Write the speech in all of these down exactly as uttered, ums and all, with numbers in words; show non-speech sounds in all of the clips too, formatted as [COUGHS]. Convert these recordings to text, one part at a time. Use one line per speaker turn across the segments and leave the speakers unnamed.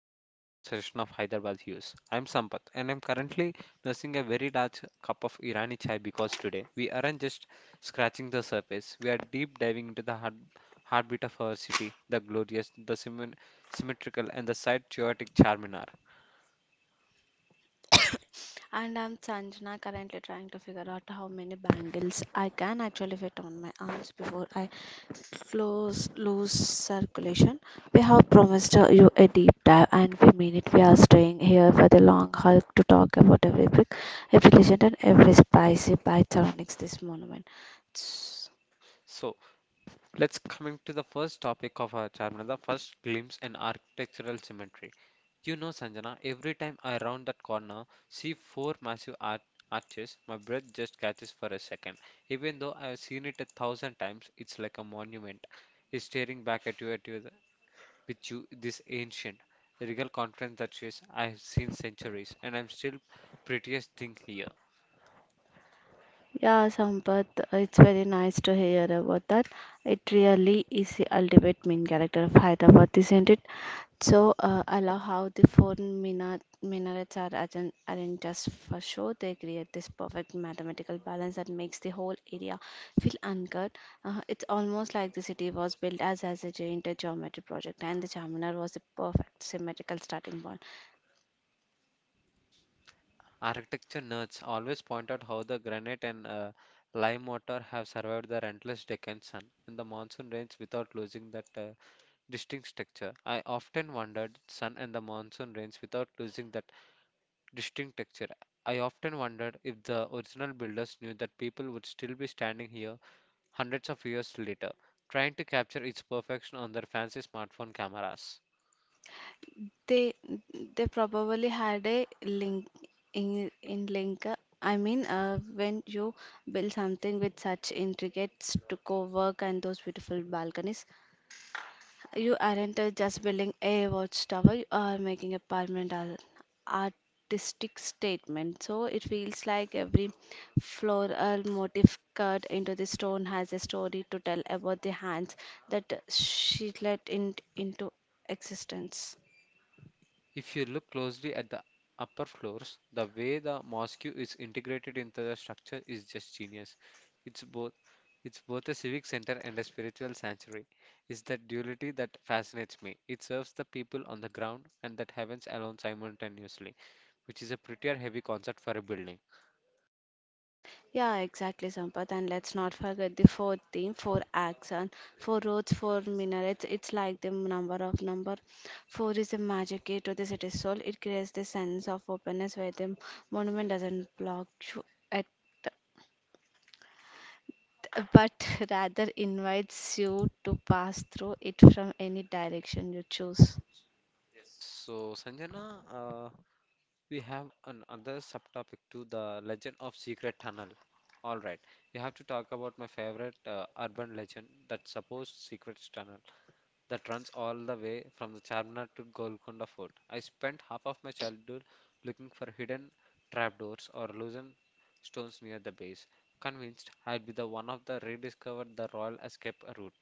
another marathon session of Hyderabad Hues. I'm Sampath and I'm currently nursing a very large cup of Irani chai because today we aren't just scratching the surface, we are deep diving into the heart, heartbeat of our city, the glorious, the symmen- symmetrical, and the site chaotic Charminar.
And I'm Sanjana, currently trying to figure out how many bangles I can actually fit on my arms before I close lose circulation. We have promised uh, you a deep dive, and we mean it. We are staying here for the long haul to talk about every brick, every legend, and every spicy bite surrounding this monument.
So, Let's coming to the first topic of our chapter, the first glimpse and architectural symmetry. You know, Sanjana, every time I round that corner, see four massive arch- arches, my breath just catches for a second. Even though I've seen it a thousand times, it's like a monument. It's staring back at you, at you, with you, this ancient, regal conference that says, I've seen centuries, and I'm still prettiest thing here.
Yeah, Sampath, it's very nice to hear about that. It really is the ultimate main character of Hyderabad, isn't it? So, uh, I love how the four mina- minarets are arran- arranged just for show. They create this perfect mathematical balance that makes the whole area feel anchored. Uh, it's almost like the city was built as, as a giant geometry project, and the Charminar was the perfect symmetrical starting point.
Architecture nerds always point out how the granite and uh, lime mortar have survived the relentless Deccan sun and the monsoon rains without losing that uh, distinct texture. I often wondered sun and the monsoon rains without losing that distinct texture. I often wondered if the original builders knew that people would still be standing here hundreds of years later, trying to capture its perfection on their fancy smartphone cameras.
They they probably had a link in in link. uh, I mean, uh, when you build something with such intricate stucco work and those beautiful balconies, you aren't uh, just building a watchtower. You are making a permanent ar- artistic statement. So it feels like every floral motif cut into the stone has a story to tell about the hands that she let in, into existence.
If you look closely at the upper floors, the way the mosque is integrated into the structure is just genius. It's both it's both a civic center and a spiritual sanctuary. It's that duality that fascinates me. It serves the people on the ground and that heavens alone simultaneously, which is a prettier heavy concept for a building.
Yeah, exactly, Sampath. And let's not forget the fourth theme, four acts and four roads, four minarets. It's like the number of number. Four is the magic key to the city's soul. It creates the sense of openness where the monument doesn't block you at, but [LAUGHS] rather invites you to pass through it from any direction you choose.
So, Sanjana, uh, we have another subtopic to the legend of secret tunnel. All right, we have to talk about my favorite uh, urban legend, that supposed secret tunnel that runs all the way from the Charminar to Golconda Fort. I spent half of my childhood looking for hidden trapdoors or loosened stones near the base, convinced I'd be the one of the rediscovered the Royal Escape route.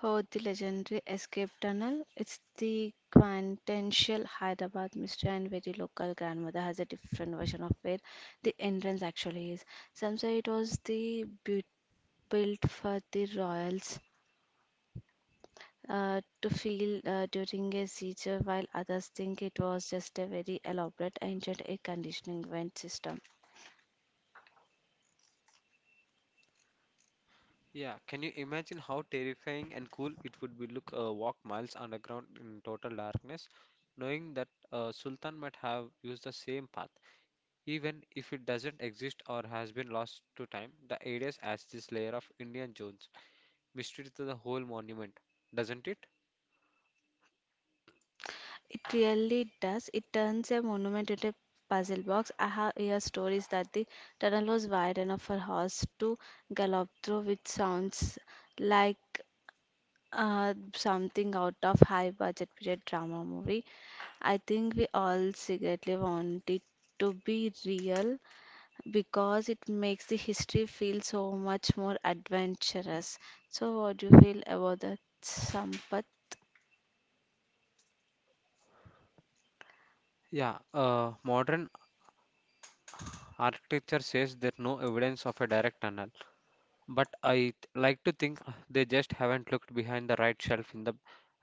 Heard the legendary escape tunnel? It's the quintessential Hyderabad mystery, and very local grandmother has a different version of where the entrance actually is. Some say it was the bu- built for the royals uh, to feel uh, during a siege, while others think it was just a very elaborate ancient air conditioning vent system.
Yeah, can you imagine how terrifying and cool it would be look uh, walk miles underground in total darkness, knowing that uh, Sultan might have used the same path, even if it doesn't exist or has been lost to time. The areas adds this layer of Indian Jones mystery to the whole monument, doesn't it?
It really does. It turns a monument into a puzzle box. I have heard stories that the tunnel was wide enough for horse to gallop through, which sounds like uh, something out of high-budget period drama movie. I think we all secretly want it to be real because it makes the history feel so much more adventurous. So, what do you feel about that, Sampath?
Yeah, uh, modern architecture says there's no evidence of a direct tunnel. But I th- like to think uh, they just haven't looked behind the right shelf in the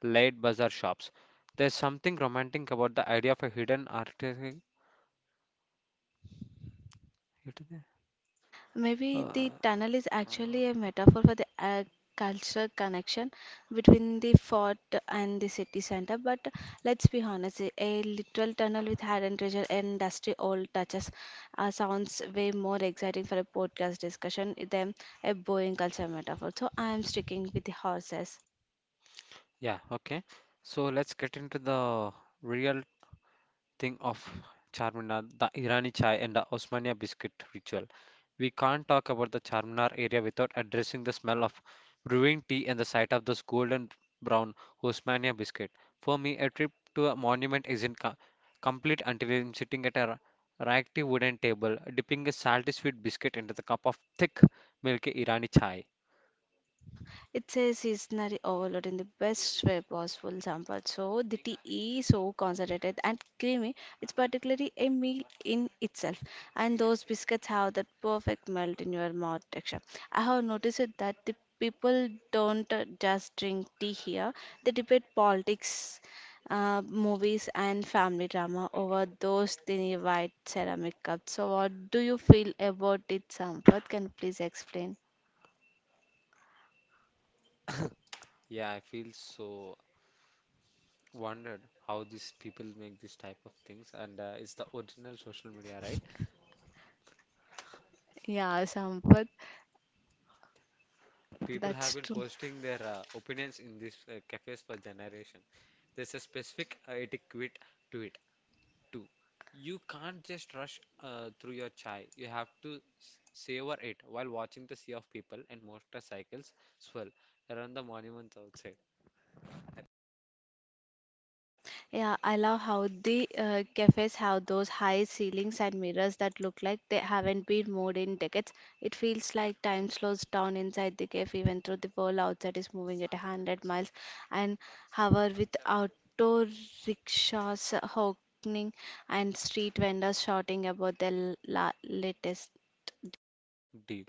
late bazaar shops. There's something romantic about the idea of a hidden artifact.
Maybe the
Uh,
tunnel is actually a metaphor for the uh, cultural connection between the fort and the city center. But let's be honest, a a literal tunnel with hidden treasure and dusty old touches uh, sounds way more exciting for a podcast discussion than a boring culture metaphor. So I am sticking with the horses.
yeah, okay. So let's get into the real think of Charminar, the Irani chai, and the Osmania biscuit ritual. We can't talk about the Charminar area without addressing the smell of brewing tea and the sight of those golden brown Osmania biscuit. For me, a trip to a monument isn't co- complete until I'm sitting at a ra- raggedy wooden table, dipping a salty sweet biscuit into the cup of thick, milky Irani chai.
It says a sensory overload in the best way possible sample. So the tea is so concentrated and creamy. It's particularly a meal in itself. And those biscuits have that perfect melt in your mouth texture. I have noticed it that the people don't uh, just drink tea here. They debate politics, uh, movies, and family drama over those tiny white ceramic cups. So what do you feel about it, Sampath? Can you please explain?
[COUGHS] Yeah, I feel so wondered how these people make these type of things, and uh, it's the original social media, right?
Yeah, Sampath.
People
That's
have been
true.
posting their uh, opinions in these uh, cafes for generation. There's a specific uh, etiquette to it too. You can't just rush uh, through your chai. You have to s- savor it while watching the sea of people and motorcycles swirl around the monuments outside.
Yeah, I love how the uh, cafes have those high ceilings and mirrors that look like they haven't been moved in decades. It feels like time slows down inside the cafe, even though the world outside is moving at a hundred miles an hour with auto rickshaws honking and street vendors shouting about their la latest.
Deal.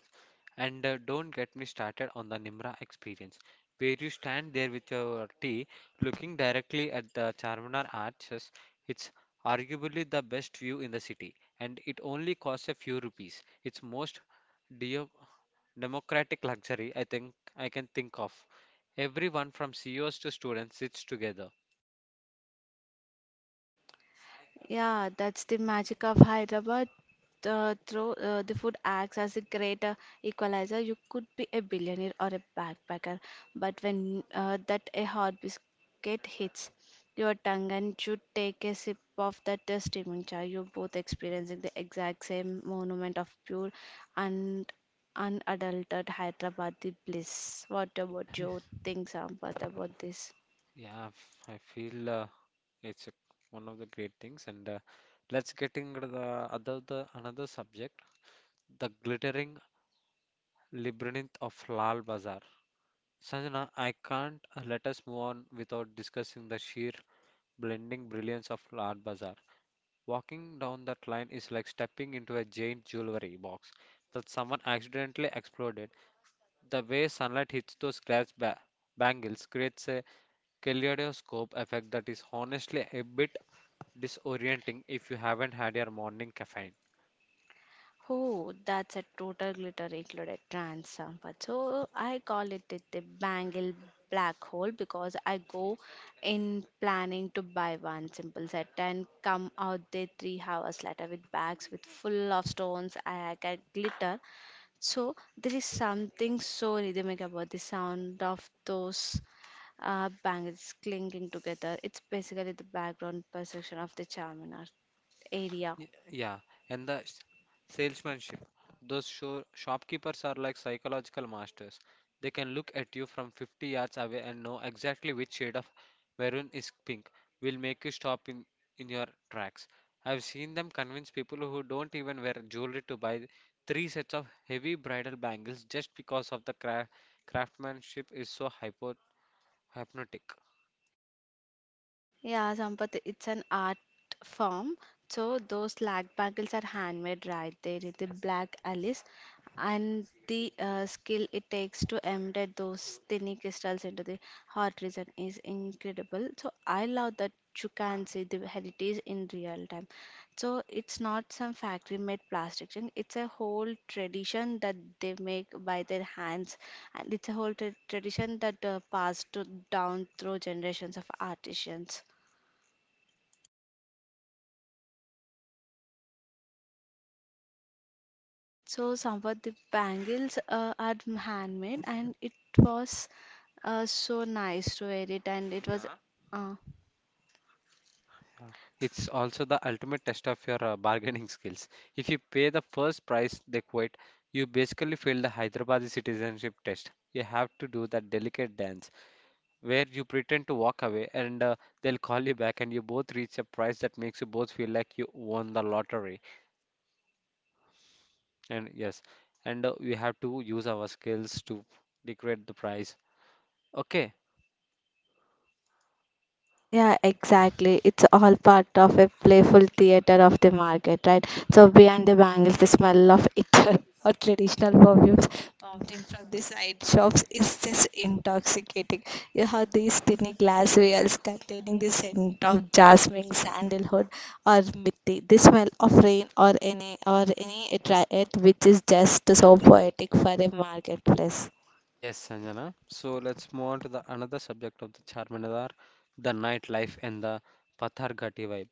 And uh, don't get me started on the Nimra experience, where you stand there with your tea looking directly at the Charminar arches. It's arguably the best view in the city, and it only costs a few rupees. It's most deo- democratic luxury I think I can think of. Everyone from C E Os to students sits together.
Yeah, that's the magic of Hyderabad. Uh, through uh, the food acts as a great uh, equalizer. You could be a billionaire or a backpacker, but when uh, that a hot biscuit hits your tongue and you take a sip of that uh, steaming chai, you're both experiencing the exact same monument of pure and unadulterated Hyderabadi bliss. What about you? Think, Sampath, about this?
Yeah, I feel uh, it's a, one of the great things. And uh, let's get into the other the another subject, the glittering Labyrinth of Lal Bazaar. Sanjana, I can't uh, let us move on without discussing the sheer blending brilliance of Lal Bazaar. Walking down that line is like stepping into a giant jewelry box that someone accidentally exploded. The way sunlight hits those glass ba- bangles creates a kaleidoscope effect that is honestly a bit disorienting if you haven't had your morning caffeine.
Oh, that's a total glitter included trans sample. So I call it it the bangle black hole because I go in planning to buy one simple set and come out there three hours later with bags with full of stones. I get glitter. So there is something so rhythmic about the sound of those uh, bangles clinking together. It's basically the background perception of the Charminar area.
Y- Yeah, and the s- salesmanship. Those sho shopkeepers are like psychological masters. They can look at you from fifty yards away and know exactly which shade of maroon is pink will make you stop in, in your tracks. I've seen them convince people who don't even wear jewelry to buy three sets of heavy bridal bangles just because of the cra craftsmanship is so hypo hypnotic.
Yeah, Sampath, it's an art form. So those lag bangles are handmade right there in the black alice and the uh, skill it takes to embed those tiny crystals into the heart region is incredible. So I love that you can see the heritage in real time. So it's not some factory made plastic thing. It's a whole tradition that they make by their hands and it's a whole tra- tradition that uh, passed to, down through generations of artisans. So somewhat the bangles uh, are handmade and it was uh, so nice to wear it and it was uh,
Yeah, it's also the ultimate test of your uh, bargaining [LAUGHS] skills. If you pay the first price they quit, you basically fail the Hyderabadi citizenship test. You have to do that delicate dance where you pretend to walk away and uh, they'll call you back, and you both reach a price that makes you both feel like you won the lottery. And yes, and uh, we have to use our skills to degrade the price. Okay,
yeah, exactly. It's all part of a playful theater of the market, right? So behind the bangles, the smell of ether [LAUGHS] or traditional perfumes wafting from the side shops is just intoxicating. You have these tiny glass vials containing the scent of jasmine, sandalwood, or mithi, the smell of rain or any or any attract which is just so poetic for a marketplace.
yes, Sanjana. So let's move on to the another subject of the Charminar, the nightlife and the Patharghati vibe.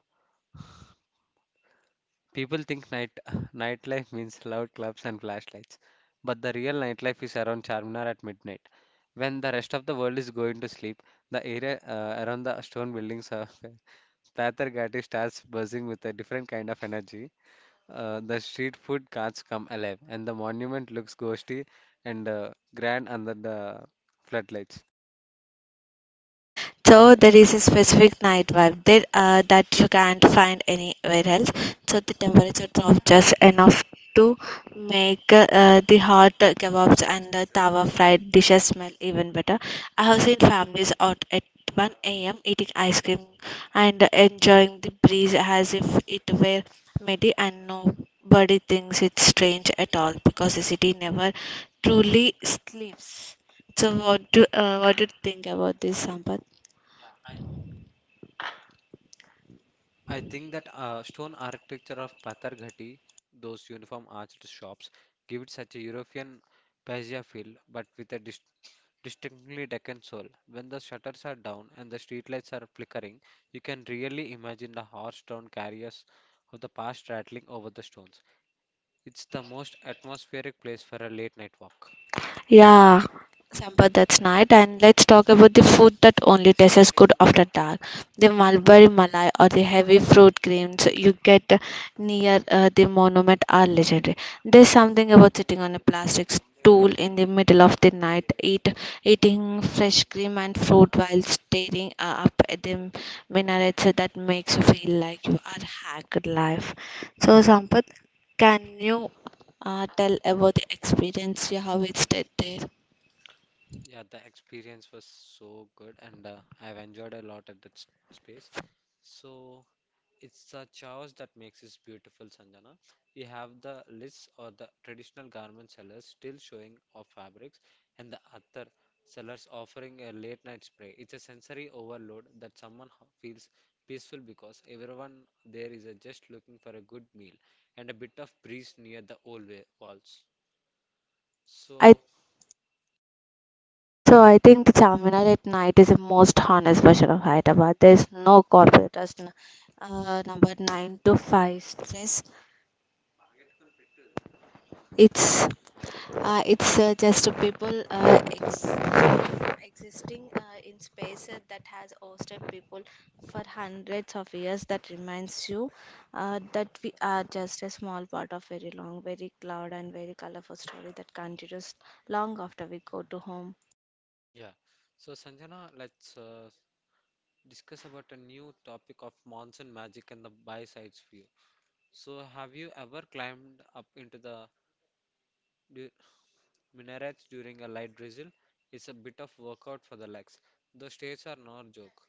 People think night [LAUGHS] nightlife means loud clubs and flashlights, but the real nightlife is around Charminar at midnight. When the rest of the world is going to sleep, the area uh, around the stone buildings of [LAUGHS] Pathar Ghati starts buzzing with a different kind of energy. Uh, the street food carts come alive, and the monument looks ghostly and uh, grand under the floodlights.
So there is a specific night vibe there uh, that you can't find anywhere else. So the temperature drops just enough to make uh, the hot kebabs and the tawa fried dishes smell even better. I have seen families out at one a m eating ice cream and enjoying the breeze as if it were Medi and nobody thinks it's strange at all because the city never truly sleeps. So what do uh, what do you think about this, Sampath?
I think that uh, stone architecture of Patarghati, those uniform arched shops, give it such a European paisia feel, but with a dis distinctly Deccan soul. When the shutters are down and the streetlights are flickering, you can really imagine the horse-drawn carriers of the past rattling over the stones. It's the most atmospheric place for a late night walk.
Yeah, Sampath, that's night. And let's talk about the food that only tastes good after dark. The mulberry malai or the heavy fruit creams you get near uh, the monument are legendary. There's something about sitting on a plastic stool in the middle of the night, eat, eating fresh cream and fruit while staring uh, up at the minarets that makes you feel like you are hacked life. So, Sampath, can you uh, tell about the experience yeah, how it's visited there?
Yeah, the experience was so good, and uh, I've enjoyed a lot at that s- space. So it's the chaos that makes it beautiful, Sanjana. We have the lists or the traditional garment sellers still showing off fabrics, and the other sellers offering a late night spray. It's a sensory overload that someone ho- feels peaceful because everyone there is uh, just looking for a good meal and a bit of breeze near the old wa- walls.
I
So,
so I think the Charminar at night is the most honest version of Hyderabad. There is no corporate rush, n- uh, number nine to five stress. It's uh, it's uh, just people uh, ex- existing uh, in spaces that has hosted people for hundreds of years. That reminds you uh, that we are just a small part of very long, very loud and very colorful story that continues long after we go to home.
yeah. So, Sanjana, let's uh, discuss about a new topic of monsoon magic and the buy sides view. So, have you ever climbed up into the du- minarets during a light drizzle? It's a bit of workout for the legs. The stairs are no joke.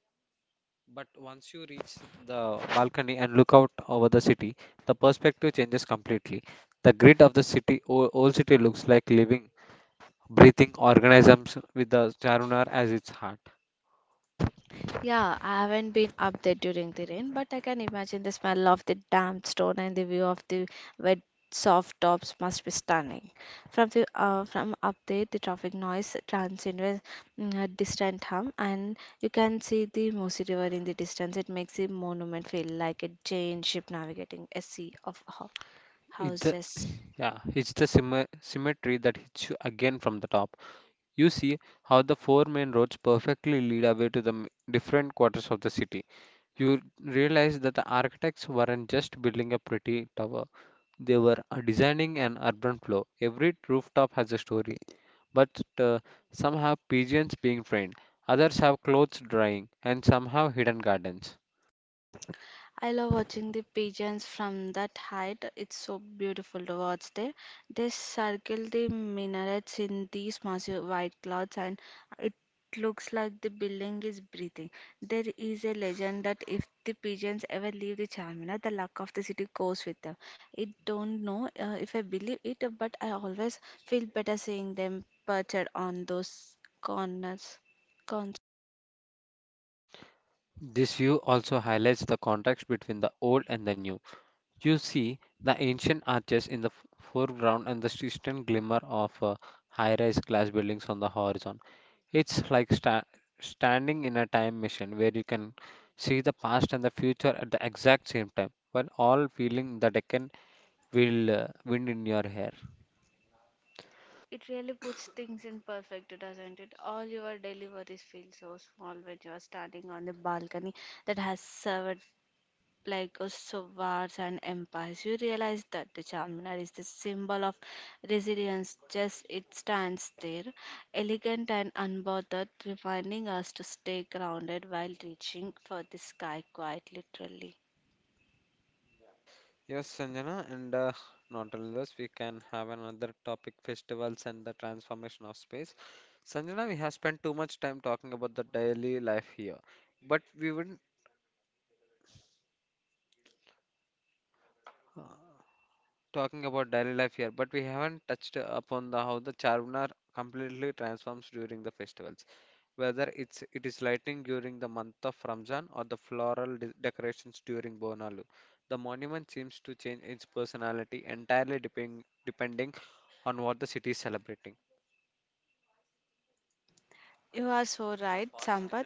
But once you reach the balcony and look out over the city, the perspective changes completely. The grid of the city, o- old city, looks like living, breathing organisms with the Charunar as its heart.
Yeah, I haven't been up there during the rain, but I can imagine the smell of the damp stone and the view of the wet, soft tops must be stunning. From the uh, from up there, the traffic noise turns into a distant hum, and you can see the Musi River in the distance. It makes the monument feel like a giant ship navigating a sea of ho-
It's the,
houses.
[LAUGHS] yeah, it's the symmet- symmetry that hits you again from the top. You see how the four main roads perfectly lead away to the m- different quarters of the city. You realize that the architects weren't just building a pretty tower, they were uh, designing an urban flow. Every rooftop has a story, but uh, some have pigeons being trained, others have clothes drying, and some have hidden gardens.
I love watching the pigeons from that height. It's so beautiful to watch there. They circle the minarets in these massive white clouds and it looks like the building is breathing. There is a legend that if the pigeons ever leave the Charminar, the luck of the city goes with them. I don't know uh, if I believe it, but I always feel better seeing them perched on those corners.
This view also highlights the contrast between the old and the new. You see the ancient arches in the f- foreground and the distant glimmer of uh, high-rise glass buildings on the horizon. It's like sta- standing in a time machine where you can see the past and the future at the exact same time, while all feeling the Deccan will uh, wind in your hair.
It really puts things in perspective, doesn't it? All your deliveries feel so small when you are standing on the balcony that has served like a sovars and empires. You realize that the Charminar is the symbol of resilience, just it stands there, elegant and unbothered, reminding us to stay grounded while reaching for the sky quite literally.
Yes, Sanjana, and uh, not only this, we can have another topic festivals and the transformation of space. Sanjana, we have spent too much time talking about the daily life here, but we would talking about daily life here, but we haven't touched upon the how the Charminar completely transforms during the festivals. Whether it's it is lighting during the month of Ramzan or the floral de- decorations during Bonalu, the monument seems to change its personality entirely depending depending on what the city is celebrating.
You are so right, Sampath.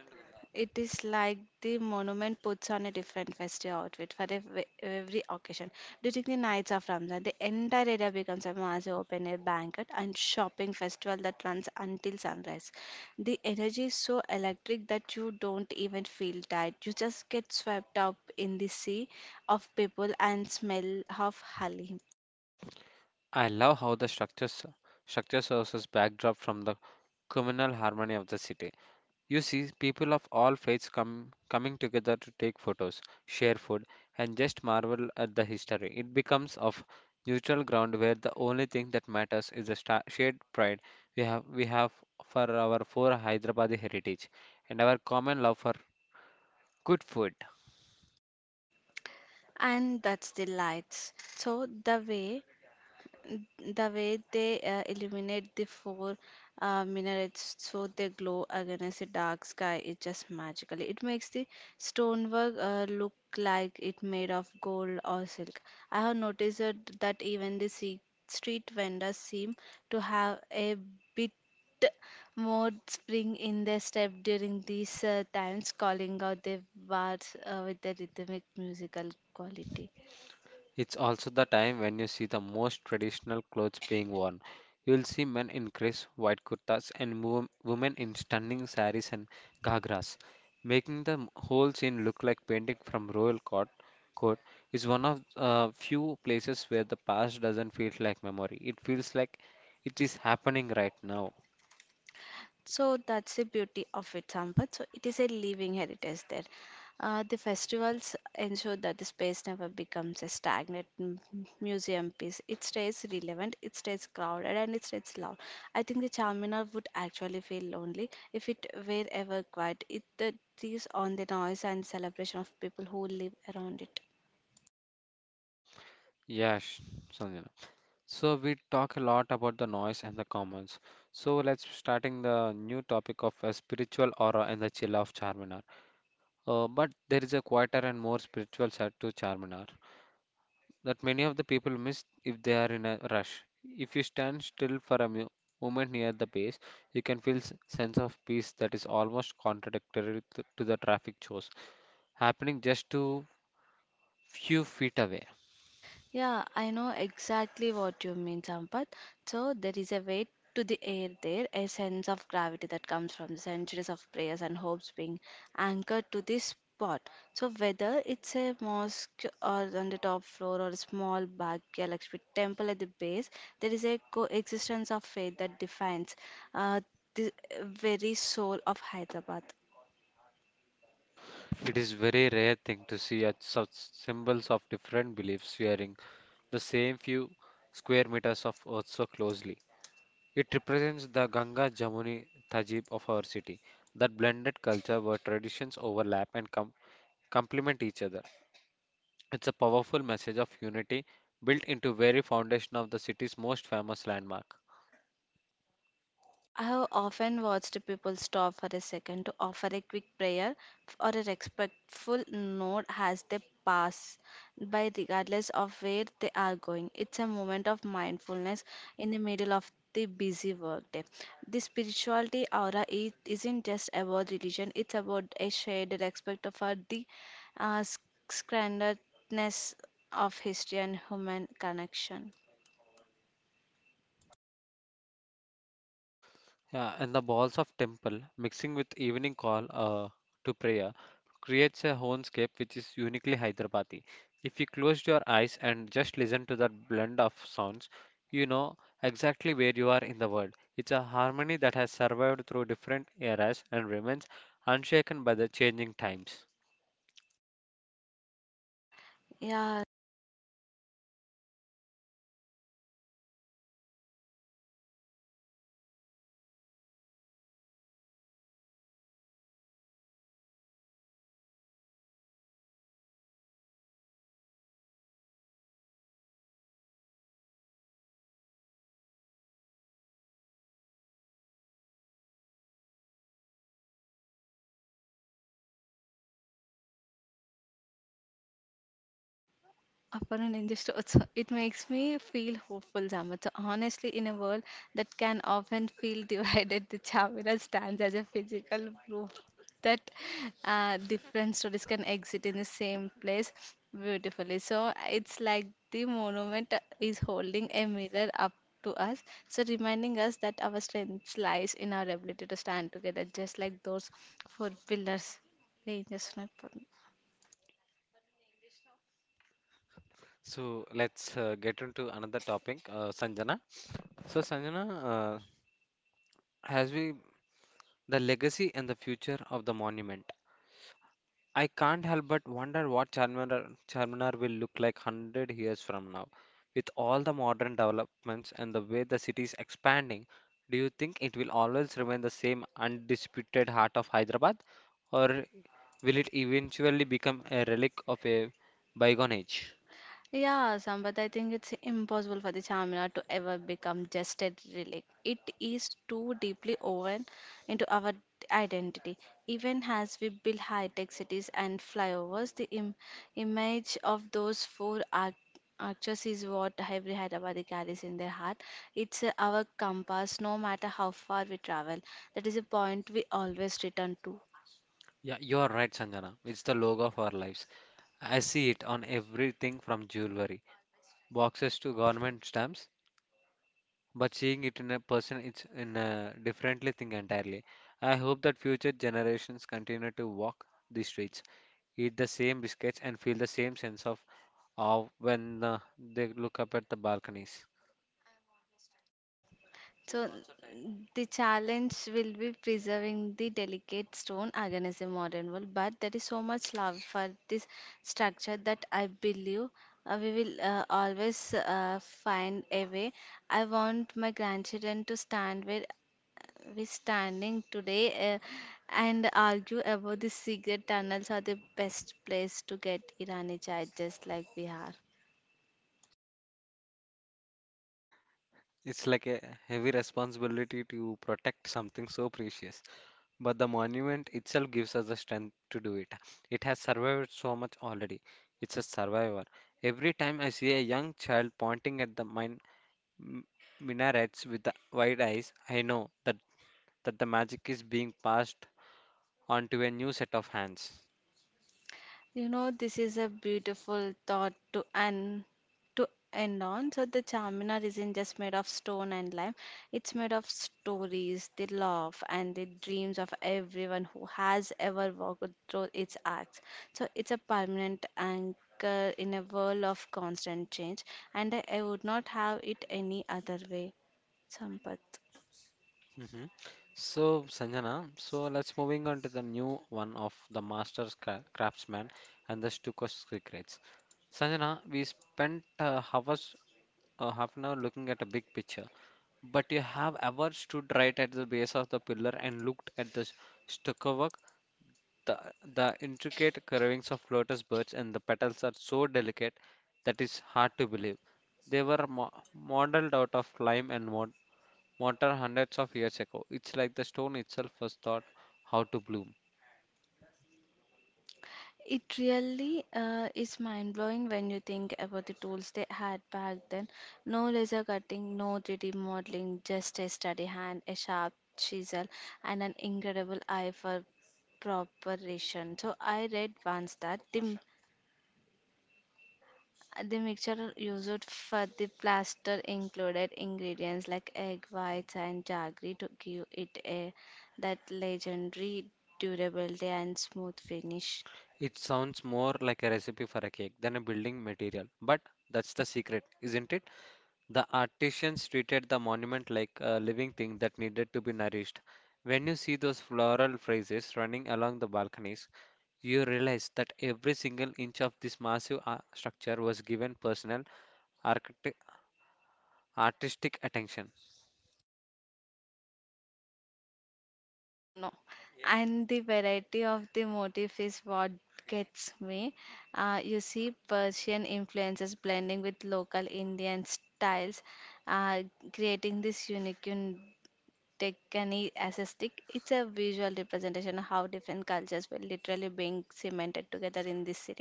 It is like the monument puts on a different festive outfit for ev- every occasion. During the nights of Ramzan, the entire area becomes a massive open air banquet and shopping festival that runs until sunrise. The energy is so electric that you don't even feel tired. You just get swept up in the sea of people and smell of halim.
I love how the structures structure serves as backdrop from the communal harmony of the city. You see people of all faiths come coming together to take photos, share food, and just marvel at the history. It becomes of neutral ground where the only thing that matters is the sta- shared pride we have we have for our four Hyderabadi heritage and our common love for good food.
And that's the lights. So the way the way they uh, illuminate the four uh, minarets so they glow against the dark sky is just magical. It makes the stonework uh, look like it made of gold or silk. I have noticed that that even the se- street vendors seem to have a bit more spring in their step during these uh, times, calling out their bars uh, with their rhythmic musical quality.
It's also the time when you see the most traditional clothes being worn. You'll see men in crisp white kurtas and wo- women in stunning saris and ghagras, making the m- whole scene look like painting from royal court. Court is one of uh, few places where the past doesn't feel like memory. It feels like it is happening right now.
So that's the beauty of it, Sampath. So it is a living heritage there. Uh, the festivals ensure that the space never becomes a stagnant m- museum piece. It stays relevant, it stays crowded, and it stays loud. I think the Charminar would actually feel lonely if it were ever quiet. It uh, thrives on the noise and celebration of people who live around it.
Yeah, Sonia. So we talk a lot about the noise and the commons. So let's starting the new topic of a spiritual aura and the chill of Charminar. Uh, but there is a quieter and more spiritual side to Charminar that many of the people miss if they are in a rush. If you stand still for a mu- moment near the base, you can feel s- sense of peace that is almost contradictory to, to the traffic chores happening just to few feet away.
Yeah, I know exactly what you mean, Sampath. So there is a weight to the air there, a sense of gravity that comes from the centuries of prayers and hopes being anchored to this spot. So whether it's a mosque or on the top floor or a small backyard like with temple at the base, there is a coexistence of faith that defines uh, the very soul of Hyderabad.
It is very rare thing to see at such symbols of different beliefs sharing the same few square meters of earth so closely. It represents the Ganga Jamuni Tajib of our city, that blended culture where traditions overlap and com- complement each other. It's a powerful message of unity built into very foundation of the city's most famous landmark.
I have often watched people stop for a second to offer a quick prayer or a respectful nod as they pass by, regardless of where they are going. It's a moment of mindfulness in the middle of the busy workday. The spirituality aura is, isn't just about religion, it's about a shared respect for the uh, sc- sacredness of history and human connection.
Yeah, and the balls of temple mixing with evening call uh, to prayer creates a soundscape which is uniquely Hyderabadi. If you closed your eyes and just listen to that blend of sounds, you know exactly where you are in the world. It's a harmony that has survived through different eras and remains unshaken by the changing times.
Yeah, upon an industry, it's, it makes me feel hopeful, Samat. So honestly, in a world that can often feel divided, the Chamira stands as a physical proof that uh, different stories can exist in the same place beautifully. So it's like the monument is holding a mirror up to us, so reminding us that our strength lies in our ability to stand together, just like those four pillars. They just not put-
So let's uh, get into another topic, uh, Sanjana. So, Sanjana, uh, as we the legacy and the future of the monument. I can't help but wonder what Charminar, Charminar will look like one hundred years from now. With all the modern developments and the way the city is expanding, do you think it will always remain the same undisputed heart of Hyderabad? Or will it eventually become a relic of a bygone age?
Yeah, Sampath, I think it's impossible for the Chamina to ever become just a relic. It is too deeply woven into our identity. Even as we build high-tech cities and flyovers, the Im- image of those four arch- arches is what every Hyderabadi carries in their heart. It's uh, our compass, no matter how far we travel. That is a point we always return to.
Yeah, you are right, Sanjana. It's the logo of our lives. I see it on everything from jewelry boxes to government stamps. But seeing it in a person it's in a differently thing entirely. I hope that future generations continue to walk the streets, eat the same biscuits, and feel the same sense of awe when uh, they look up at the balconies.
So the challenge will be preserving the delicate stone against the modern world, but there is so much love for this structure that I believe uh, we will uh, always uh, find a way. I want my grandchildren to stand where we're standing today uh, and argue about the secret tunnels are the best place to get Irani chai, just like we are.
It's like a heavy responsibility to protect something so precious, but the monument itself gives us the strength to do it. It has survived so much already. It's a survivor. Every time I see a young child pointing at the mine m- minarets with the wide eyes, I know that, that the magic is being passed on to a new set of hands.
You know, this is a beautiful thought to end to end on. So the Charminar isn't just made of stone and lime; it's made of stories, the love, and the dreams of everyone who has ever walked through its arcs. So it's a permanent anchor in a world of constant change, and I, I would not have it any other way. Sampath.
hmm So, Sanjana, so let's moving on to the new one of the master cra- craftsman and the Stukas secrets. Sanjana, we spent uh, hours, uh, half an hour looking at a big picture, but you have ever stood right at the base of the pillar and looked at the s- stucco work? The, the intricate curvings of lotus buds and the petals are so delicate that it's hard to believe. They were mo- modeled out of lime and mo- mortar hundreds of years ago. It's like the stone itself was taught how to bloom.
It really uh, is mind blowing when you think about the tools they had back then. No laser cutting, no three D modeling, just a steady hand, a sharp chisel, and an incredible eye for preparation. So I read once that the the mixture used for the plaster included ingredients like egg whites and jaggery to give it a that legendary durability and smooth finish.
It sounds more like a recipe for a cake than a building material, but that's the secret, isn't it? The artisans treated the monument like a living thing that needed to be nourished. When you see those floral phrases running along the balconies, you realize that every single inch of this massive ar- structure was given personal architect- artistic attention.
Don't know. And the variety of the motif is what gets me. Uh, you see Persian influences blending with local Indian styles, uh, creating this unique un- Deccani aesthetic. It's a visual representation of how different cultures were literally being cemented together in this city.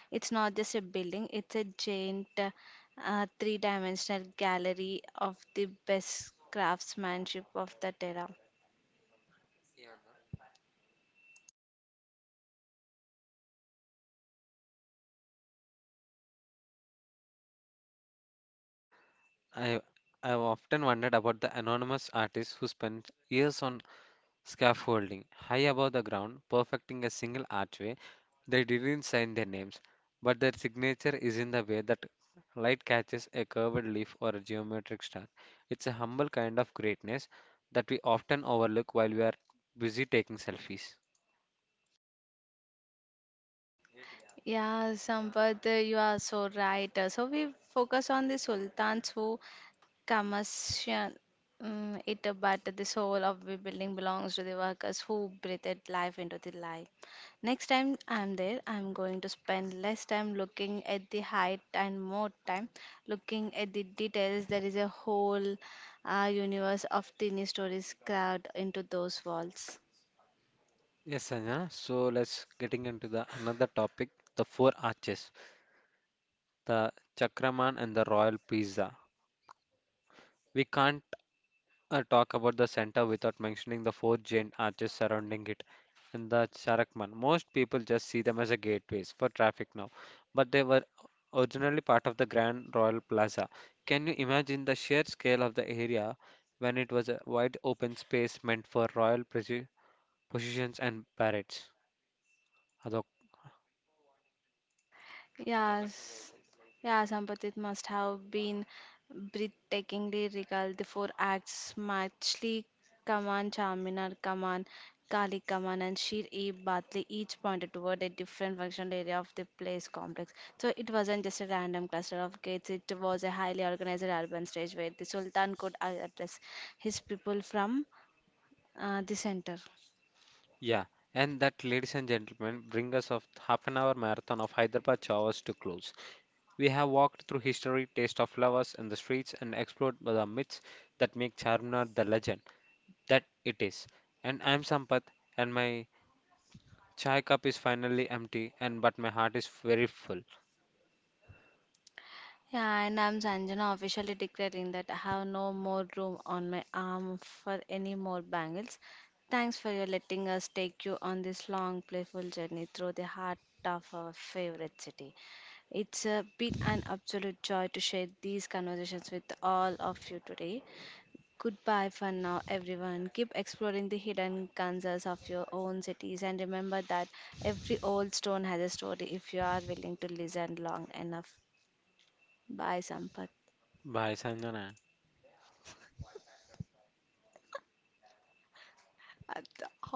It's not just a building, it's a giant uh, three dimensional gallery of the best craftsmanship of that era.
I I've often wondered about the anonymous artists who spent years on scaffolding high above the ground, perfecting a single archway. They didn't sign their names, but their signature is in the way that light catches a curved leaf or a geometric star. It's a humble kind of greatness that we often overlook while we are busy taking selfies.
Yeah, Sampath, uh, you are so right. Uh, So we focus on the sultans who commission um, it, uh, but the soul of the building belongs to the workers who breathed life into the life. Next time I'm there, I'm going to spend less time looking at the height and more time looking at the details. There is a whole uh, universe of tiny stories carved into those walls.
Yes, Anya. So let's getting into the another topic, the four arches, the Chakraman and the Royal Pizza. We can't uh, talk about the center without mentioning the four giant arches surrounding it and the Charakman. Most people just see them as a gateways for traffic now, but they were originally part of the Grand Royal Plaza. Can you imagine the sheer scale of the area when it was a wide open space meant for royal presi- processions and parades?
Yes, yeah, Sampath, must have been breathtakingly regal. The four acts, Machli Kaman, Charminar Kaman, Kali Kaman, and Shir-e-Batli, each pointed toward a different functional area of the place complex. So it wasn't just a random cluster of gates, it was a highly organized urban stage where the Sultan could address his people from uh, the center.
Yeah, and that, ladies and gentlemen, bring us of half an hour marathon of Hyderabad Chawas to close. We have walked through history, taste of flowers in the streets, and explored the myths that make Charminar the legend that it is. And I'm Sampath, and my chai cup is finally empty, and but my heart is very full.
Yeah, and I'm Sanjana officially declaring that I have no more room on my arm for any more bangles. Thanks for your letting us take you on this long, playful journey through the heart of our favorite city. It's a bit an absolute joy to share these conversations with all of you today. Goodbye for now, everyone. Keep exploring the hidden kansas of your own cities and remember that every old stone has a story if you are willing to listen long enough. Bye, Sampath.
Bye, Sanjana.
好的，好，